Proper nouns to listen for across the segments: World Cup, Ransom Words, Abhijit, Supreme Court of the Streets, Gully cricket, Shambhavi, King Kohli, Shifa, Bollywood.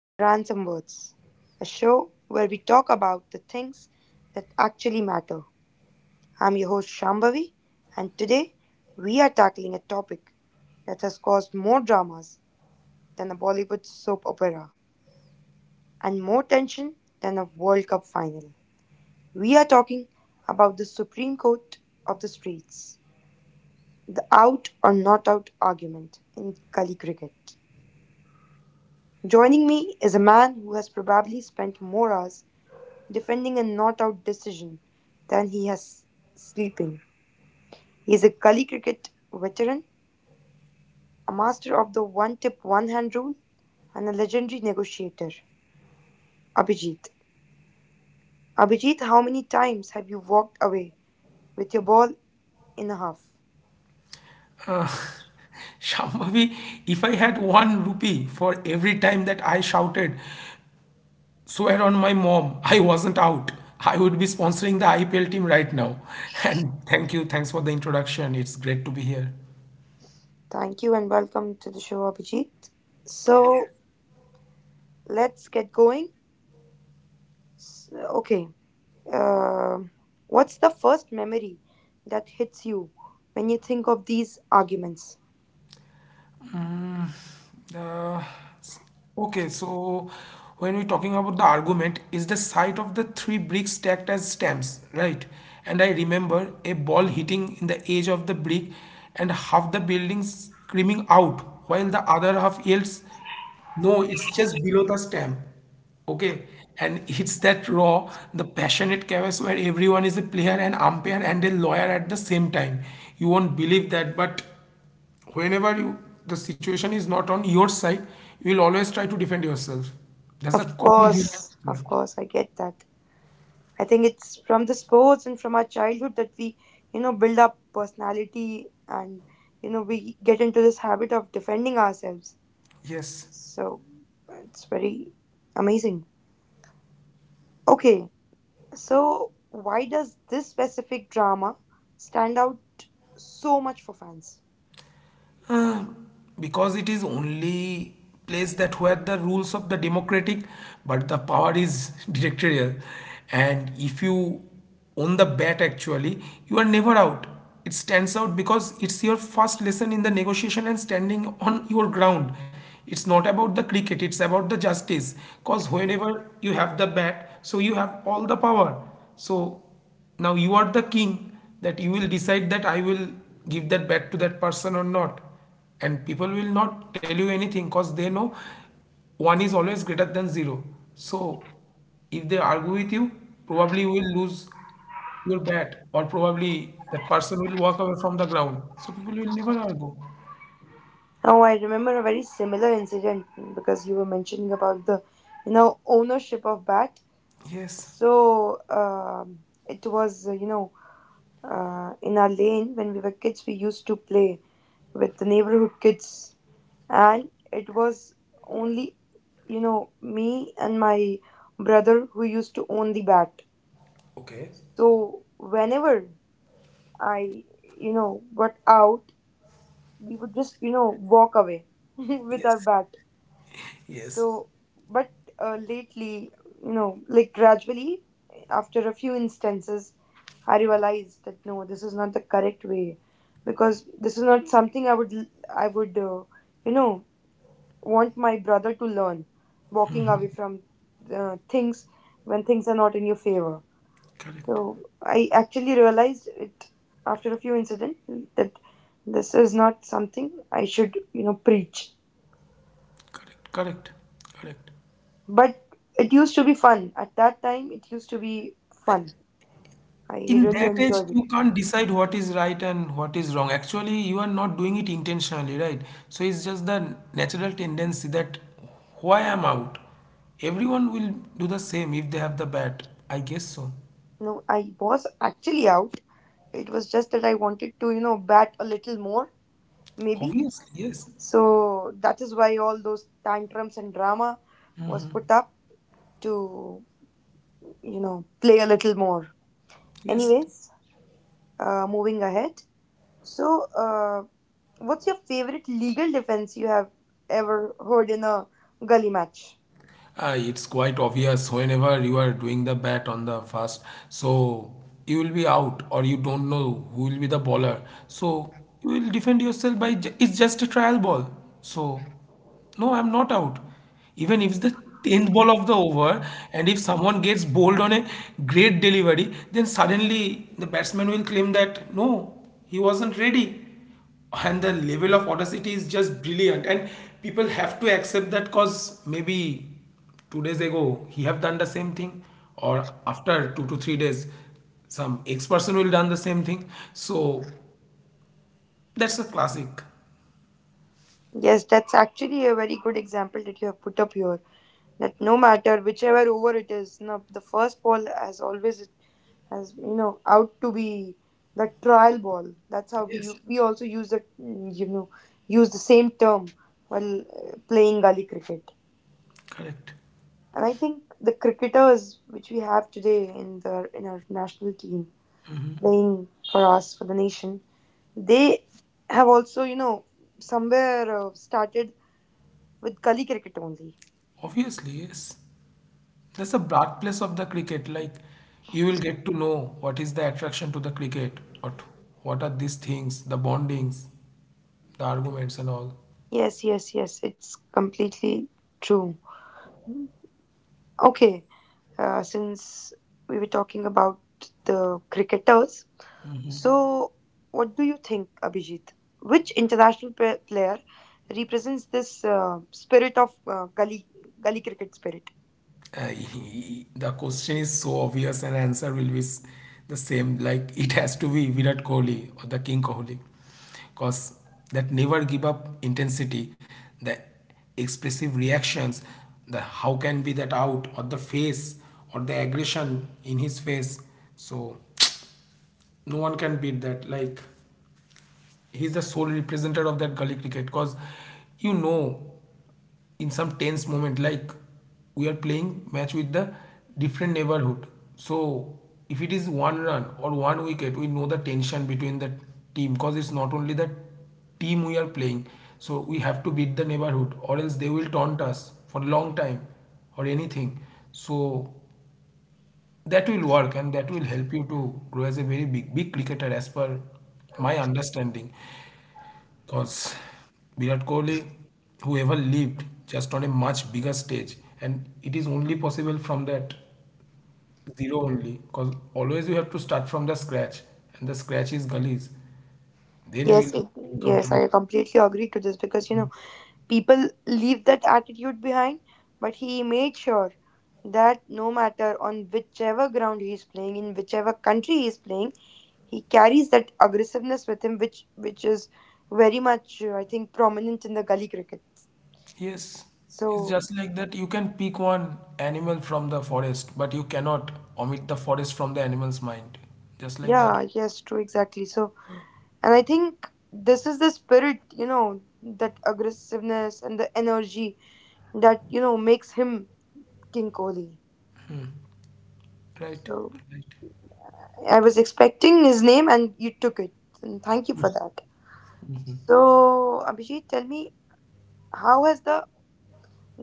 to the Ransom Words, a show where we talk about the things that actually matter. I'm your host, Shambhavi, and today we are tackling a topic that has caused more dramas than a Bollywood soap opera and more tension than a World Cup final. We are talking about the Supreme Court of the Streets, the out or not out argument in Gully cricket. Joining me is a man who has probably spent more hours defending a not out decision than he has sleeping. He is a gully cricket veteran, a master of the one tip one hand rule, and a legendary negotiator. Abhijit. Abhijit, how many times have you walked away with your ball in a half? Shambhavi, if I had one rupee for every time that I shouted, swear on my mom, I wasn't out, I would be sponsoring the IPL team right now. And thank you, thanks for the introduction. It's great to be here. Thank you and welcome to the show, Abhijit. So, let's get going. Okay, Uh, what's the first memory that hits you when you think of these arguments? Okay, so when we're talking about the argument, is the sight of the three bricks stacked as stamps, right? And I remember a ball hitting in the edge of the brick and half the building screaming out while the other half yells, no, it's just below the stamp. Okay, and it's that raw, the passionate chaos where everyone is a player, an umpire, and a lawyer at the same time. You won't believe that, but whenever you, the situation is not on your side, you will always try to defend yourself. That's a common human Of nature. course, I get that. I think it's from the sports and from our childhood that we build up personality and we get into this habit of defending ourselves. Yes, So it's very amazing. Okay, so why does this specific drama stand out so much for fans? because it is only place that where the rules of the democratic but the power is dictatorial, and if you own the bat actually, you are never out. It stands out because it's your first lesson in the negotiation and standing on your ground. It's not about the cricket, it's about the justice, because whenever you have the bat, so you have all the power. So now you are the king, that you will decide that I will give that back to that person or not. And people will not tell you anything because they know one is always greater than zero. So if they argue with you, probably you will lose your bet, or probably that person will walk away from the ground. So people will never argue. Oh, I remember a very similar incident because you were mentioning about the ownership of bat. Yes. So it was, in our lane when we were kids, we used to play with the neighborhood kids, and it was only me and my brother who used to own the bat. Okay. So whenever I got out, we would just walk away with our Yes. bat. Yes. So, but lately, gradually, after a few instances, I realized that no, this is not the correct way, because this is not something I would, uh, you know, want my brother to learn, walking away from things when things are not in your favor. Correct. So I actually realized it after a few incidents that this is not something I should preach. Correct. Correct. Correct. But it used to be fun. At that time, it used to be fun. I In really that age, enjoyed it. you can't decide what is right and what is wrong. Actually, you are not doing it intentionally, right? So it's just the natural tendency that why I'm out. Everyone will do the same if they have the bat. I guess so. No, I was actually out. It was just that I wanted to bat a little more, maybe. Obviously, yes. So that is why all those tantrums and drama was put up to play a little more. Yes. Anyways, moving ahead. So, what's your favorite legal defense you have ever heard in a gully match? It's quite obvious whenever you are doing the bat on the first. So you will be out or you don't know who will be the bowler. So you will defend yourself by it's just a trial ball. So no, I'm not out. Even if it's the 10th ball of the over and if someone gets bowled on a great delivery, then suddenly the batsman will claim that no, he wasn't ready, and the level of audacity is just brilliant, and people have to accept that cause maybe 2 days ago he have done the same thing, or after 2 to 3 days some x person will done the same thing. So that's a classic. Yes, that's actually a very good example that you have put up here. That no matter whichever over it is, no, the first ball has always has you know out to be the trial ball. That's how we Yes. u- we also use the use the same term while playing gully cricket. Correct. And I think the cricketers which we have today in the in our national team playing for us for the nation, they have also you know somewhere started with gully cricket only. Obviously, yes. That's the birthplace of the cricket, like you will get to know what is the attraction to the cricket, what are these things, the bondings, the arguments and all. Yes, yes, yes. It's completely true. Okay, since we were talking about the cricketers, so what do you think, Abhijit? Which international player represents this spirit of gully cricket spirit? uh, the question is so obvious and answer will be the same, like it has to be Virat Kohli or the King Kohli, because that never give up intensity, the expressive reactions, the how can be that out, or the face, or the aggression in his face. So no one can beat that, like he's the sole representative of that gully cricket. Because you know, in some tense moment, like we are playing match with the different neighborhood, so if it is one run or one wicket, we know the tension between the team, because it's not only the team we are playing. So we have to beat the neighborhood, or else they will taunt us for a long time or anything. So that will work, and that will help you to grow as a very big big cricketer, as per my understanding. Because Virat Kohli, whoever lived just on a much bigger stage, and it is only possible from that zero only. Because always you have to start from the scratch, and the scratch is gullies. Then you Yes, will it, encounter yes, with. I completely agree to this because you know people leave that attitude behind, but he made sure that no matter on whichever ground he is playing, in whichever country he is playing, he carries that aggressiveness with him, which is very much I think prominent in the gully cricket. Yes, it's So just like that. You can pick one animal from the forest, but you cannot omit the forest from the animal's mind. Just like that, yeah, yes, true, exactly. So and I think this is the spirit, you know, that aggressiveness and the energy that you know makes him King Kohli. right? So Right. I was expecting his name, and you took it, and thank you for that. So Abhijit, tell me, how has the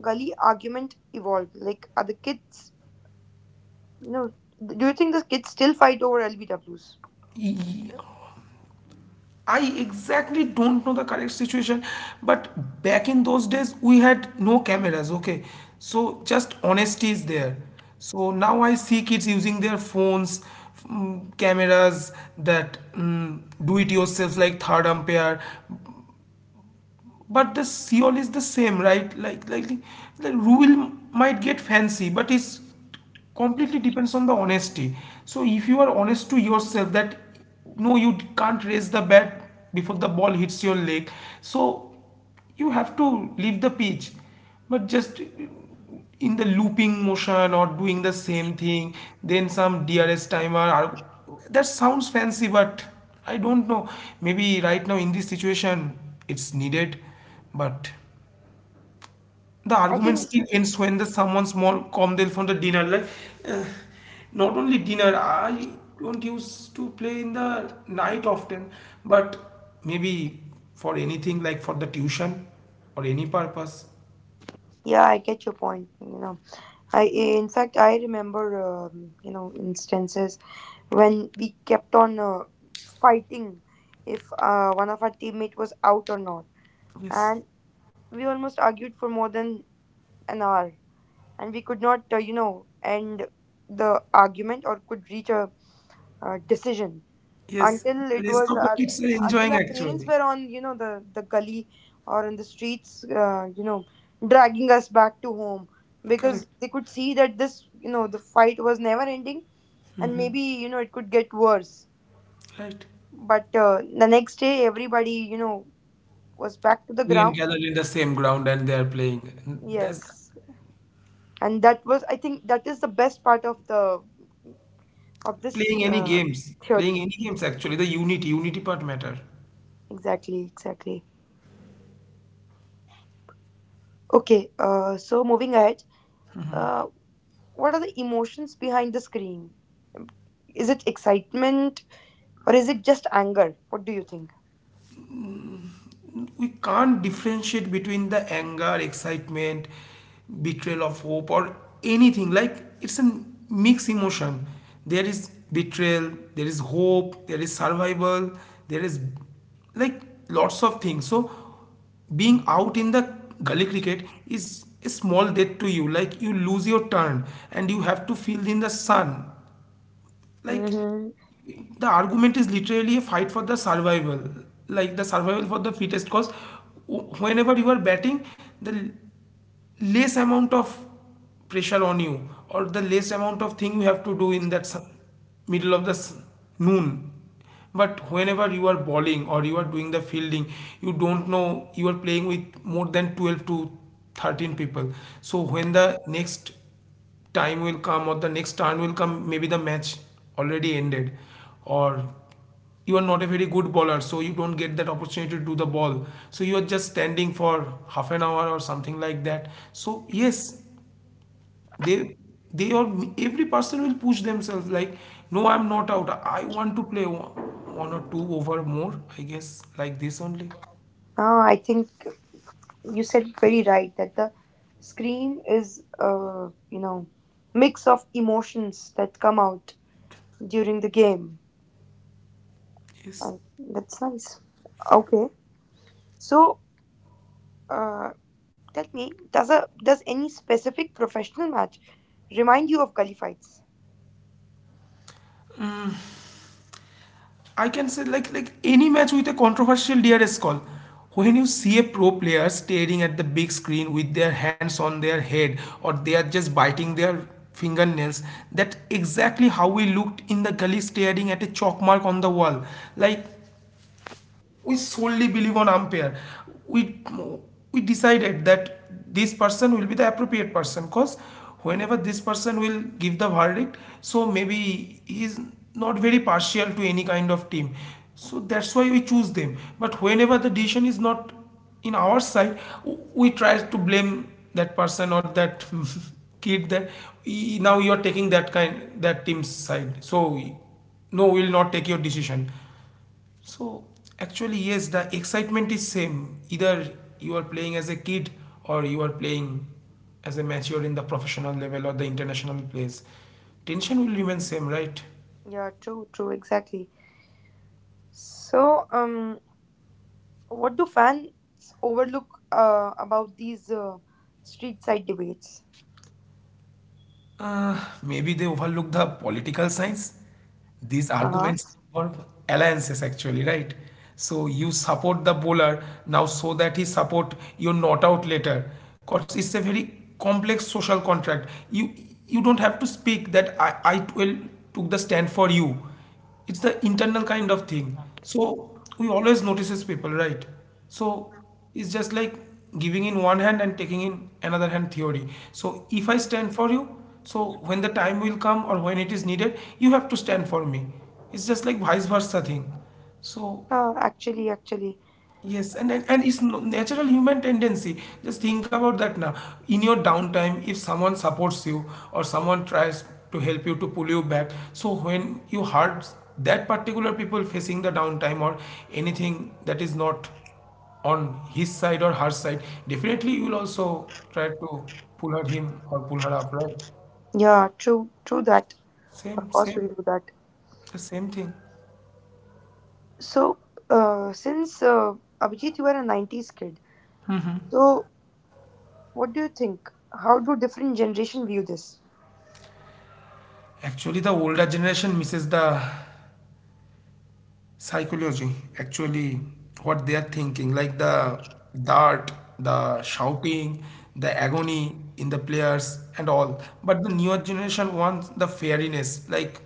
gully argument evolved? Like, are the kids. You know, do you think the kids still fight over LBWs? E- I exactly don't know the correct situation, but back in those days we had no cameras, okay? So just honesty is there. So now I see kids using their phones, cameras that do it yourself like third umpire, but the Seoul is the same, right? Like, the rule might get fancy, but it's completely depends on the honesty. So if you are honest to yourself, that no, you can't raise the bat before the ball hits your leg. So you have to leave the pitch, but just in the looping motion or doing the same thing, then some DRS timer or that sounds fancy, but I don't know, maybe right now in this situation it's needed. But the I argument think, still ends when the someone small come there from the dinner, like uh, not only dinner, I don't used to play in the night often, but maybe for anything, like for the tuition or any purpose. yeah, I get your point. You know, I in fact I remember you know instances when we kept on fighting if one of our teammate was out or not, Yes. and we almost argued for more than an hour, and we could not end the argument, or could reach a decision, Yes. until The it rest was of the kids are until enjoying our parents actually. were on you know the gully or in the streets dragging us back to home because Correct. they could see that this you know the fight was never ending and maybe you know it could get worse Right. but the next day everybody you know was back to the They can ground. gather in the same ground and they are playing, that's Yes, and that was I think that is the best part of the of this playing any games, playing theory. any games, actually the unity part matter. Exactly, exactly. Okay, so moving ahead uh, What are the emotions behind the screen? Is it excitement or is it just anger? What do you think? We can't differentiate between the anger, excitement, betrayal of hope, or anything. Like it's a mixed emotion. There is betrayal, there is hope, there is survival, there is, like, lots of things. So being out in the gully cricket is a small death to you. Like you lose your turn and you have to field in the sun. Like Mm-hmm. the argument is literally a fight for the survival, like the survival for the fittest, because whenever you are batting, the l- less amount of pressure on you, or the less amount of thing you have to do in that middle of the noon. But whenever you are bowling or you are doing the fielding, you don't know, you are playing with more than 12 to 13 people. So when the next time will come or the next turn will come, maybe the match already ended, or you are not a very good bowler so you don't get that opportunity to do the ball, so you are just standing for half an hour or something like that. So yes, they they are, every person will push themselves like no, I'm not out, I want to play one or two over more, I guess, like this only. No, I think you said it very right that the screen is, mix of emotions that come out during the game, Yes. and that's nice. Okay, so uh, tell me, does any specific professional match remind you of gully fights? I can say like any match with a controversial DRS call. When you see a pro player staring at the big screen with their hands on their head, or they are just biting their fingernails, that exactly how we looked in the gully staring at a chalk mark on the wall. Like we solely believe on umpire. we we decided that this person will be the appropriate person, because whenever this person will give the verdict, so maybe he is not very partial to any kind of team, so that's why we choose them. But whenever the decision is not in our side, we try to blame that person or that kid that, "Y- now you are taking that kind that team's side, so no, we will not take your decision." So actually, yes, the excitement is same. Either you are playing as a kid or you are playing as a mature in the professional level or the international place. Tension will remain same, right? Yeah, true, true, exactly. So, what do fans overlook about these street side debates? Uh, Maybe they overlook the political science. These Uh-huh. arguments involve alliances actually, right? So you support the bowler now so that he support you not out later. Cause it's a very complex social contract. You don't have to speak that I will took the stand for you. It's the internal kind of thing. So we always notices people, right? So it's just like giving in one hand and taking in another hand theory. So if I stand for you, so when the time will come or when it is needed, you have to stand for me. It's just like vice versa thing. So Uh, actually, actually, yes, and it's natural human tendency. Just think about that now. In your downtime, if someone supports you or someone tries to help you to pull you back, so when you hurt that particular people facing the downtime or anything that is not on his side or her side, definitely you will also try to pull her him or pull her up, right? yeah, true, true that. Of Same, course, same, we'll do that. the same thing. So, since Abhijit, you are a 90s kid, so what do you think? How do different generation view this? Actually, the older generation misses the psychology actually what they are thinking like the dart, the shouting, the agony in the players and all, but the newer generation wants the fairness like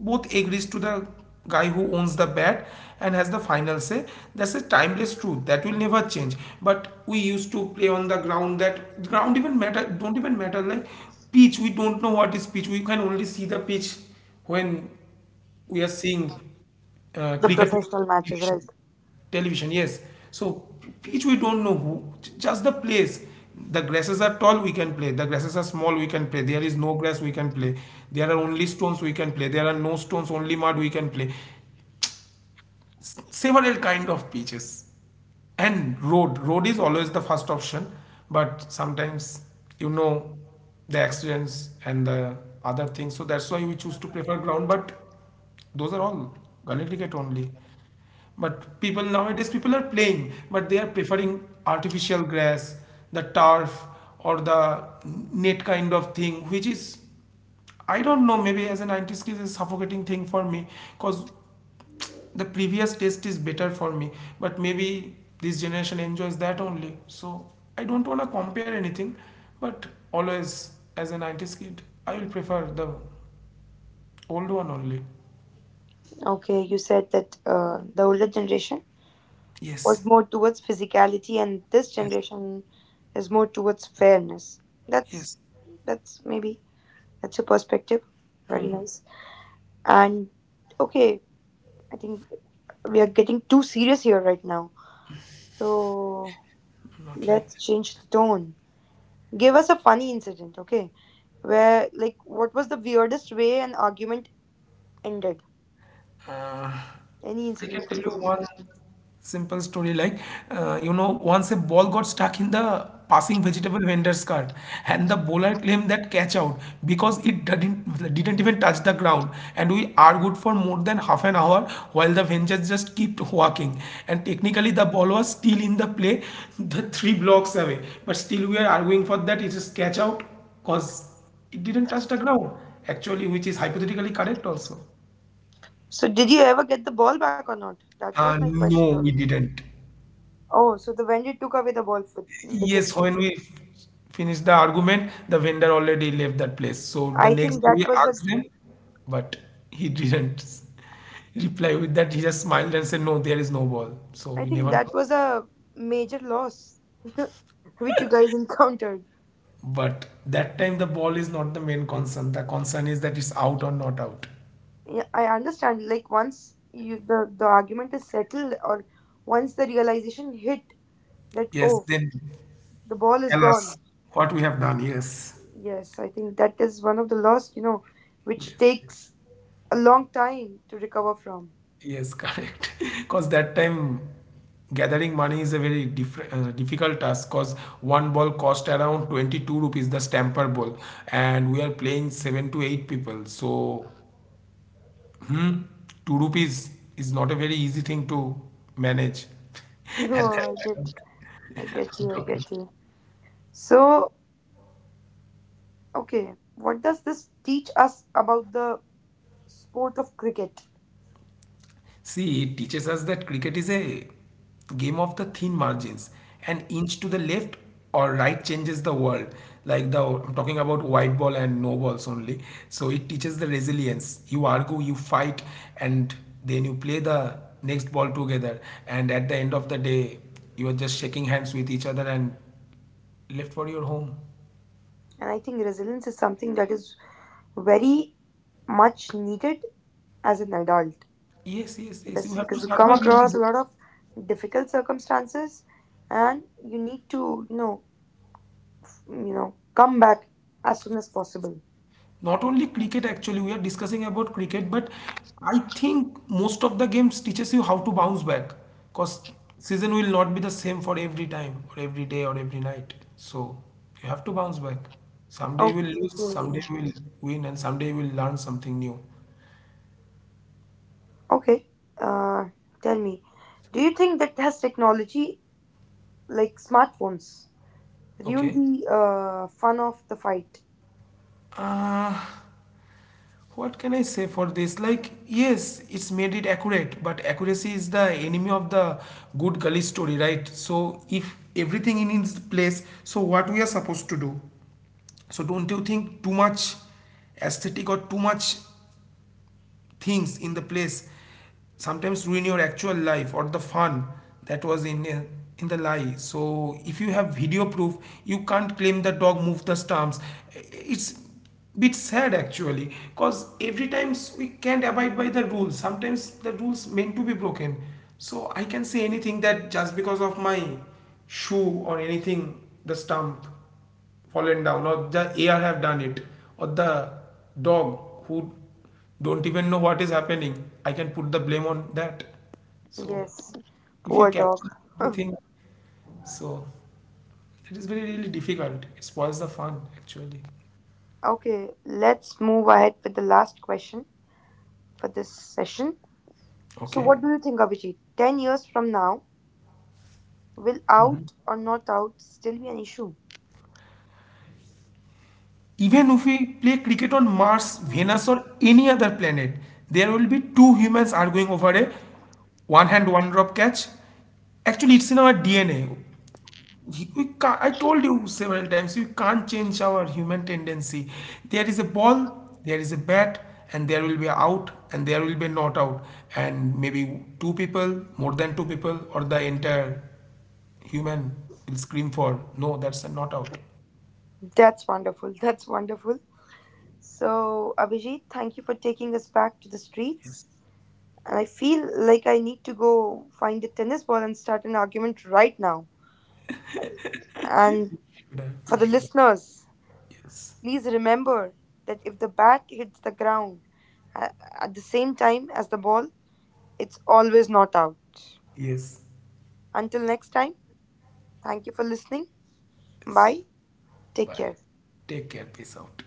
both agrees to the guy who owns the bat and has the final say. That's a timeless truth that will never change. But we used to play on the ground. That ground even matter, don't even matter. Like pitch, we don't know what is pitch. We can only see the pitch when we are seeing The cricket professional matches, match, right? television, yes. So pitch we don't know, who just the place. The grasses are tall, we can play. The grasses are small, we can play. There is no grass, we can play. There are only stones, we can play. There are no stones, only mud, we can play. Several kind of pitches. And road is always the first option, but sometimes, you know the accidents and the other things, so that's why we choose to prefer ground. But those are all gully cricket only. But people nowadays, people are playing, but they are preferring artificial grass, the turf or the net kind of thing, which is, I don't know, maybe as a 90s kid is a suffocating thing for me because the previous taste is better for me. But maybe this generation enjoys that only. So I don't wanna compare anything, but always as a 90s kid, I will prefer the old one only. Okay, you said that the older generation was Yes, more towards physicality, and this yes, generation is more towards fairness. yes. That's that's maybe That's your perspective. Very nice. And okay, I think we are getting too serious here right now. So Not like let's that. change the tone. Give us a funny incident, okay? Where, like, what was the weirdest way an argument ended? Uh, Any I incident can could tell you do. one simple story. Like, you know, once a ball got stuck in the passing vegetable vendor's cart, and the bowler claimed that catch out because it didn't even touch the ground, and we argued for more than half an hour while the vendors just kept walking, and technically the ball was still in the play, the three blocks away, but still we are arguing for that it is catch out because it didn't touch the ground actually, which is hypothetically correct also. So, did you ever get the ball back or not? That was my question. No, Out of we didn't. Oh, so the vendor took away the ball with Yes, himself. when we finished the argument, the vendor already left that place. So the I next think day that we was a, asked them, but he didn't reply with that. He just smiled and said, "No, there is no ball." So I we think never that know. was a major loss which you guys encountered. But that time the ball is not the main concern. The concern is that it's out or not out. Yeah, I understand. Like once you the argument is settled, or once the realization hit that Yes, oh then the ball is tell us gone. what we have done. Yes. Yes, I think that is one of the loss you know, which Yes, yes. takes a long time to recover from. Yes, correct. Because that time gathering money is a very difficult task because one ball cost around 22 rupees, the stamper ball, and we are playing seven to eight people. So, hmm, two rupees is not a very easy thing to manage at No, that time. I get I'm you, I talking. get you. So okay, what does this teach us about the sport of cricket? See, it teaches us that cricket is a game of the thin margins. An inch to the left or right changes the world. Like the, I'm talking about white ball and no balls only. So it teaches the resilience. You argue, you fight, and then you play the next ball together. And at the end of the day, you are just shaking hands with each other and left for your home. And I think resilience is something that is very much needed as an adult. Yes, yes, yes. You That's have to because you come survive. You across need. a lot of difficult circumstances and you need to come back as soon as possible. Not only cricket actually, we are discussing about cricket, but I think most of the games teaches you how to bounce back because season will not be the same for every time or every day or every night. So you have to bounce back. Someday you Okay. will lose, someday you will win, and someday you will learn something new. Okay. Uh, tell me, do you think that has technology like smartphones ruined Okay. the fun of the fight? Uh, What can I say for this? Like, yes, it's made it accurate, but accuracy is the enemy of the good gully story, right? So, if everything in its place, so what we are supposed to do? So, don't you think too much aesthetic or too much things in the place sometimes ruin your actual life or the fun that was in the lie. So if you have video proof, you can't claim the dog moved the stumps. It's bit sad actually, because every times we can't abide by the rules. Sometimes the rules meant to be broken. So I can say anything, that just because of my shoe or anything the stump fallen down, or the air have done it, or the dog, who don't even know what is happening, I can put the blame on that. So Yes. if you Poor dog. capture everything, so it is very really difficult. It spoils the fun actually. Okay, let's move ahead with the last question for this session. So, Okay. what do you think, Abhijit? 10 years from now, will out or not out still be an issue? Even if we play cricket on Mars, Venus, or any other planet, there will be two humans arguing over a one hand, one drop catch. Actually, it's in our DNA. You can't, I told you several times, you can't change our human tendency. There is a ball, there is a bat, and there will be out, and there will be not out, and maybe two people, more than two people, or the entire human will scream for no, that's a not out. That's wonderful. That's wonderful. So, Abhijit, thank you for taking us back to the streets. And I feel like I need to go find a tennis ball and start an argument right now. And Should I? You for the should. listeners, Yes. please remember that if the bat hits the ground a- at the same time as the ball, it's always not out. Yes. Until next time, thank you for listening. Yes. Bye. Take Bye. care. Take care. Peace out.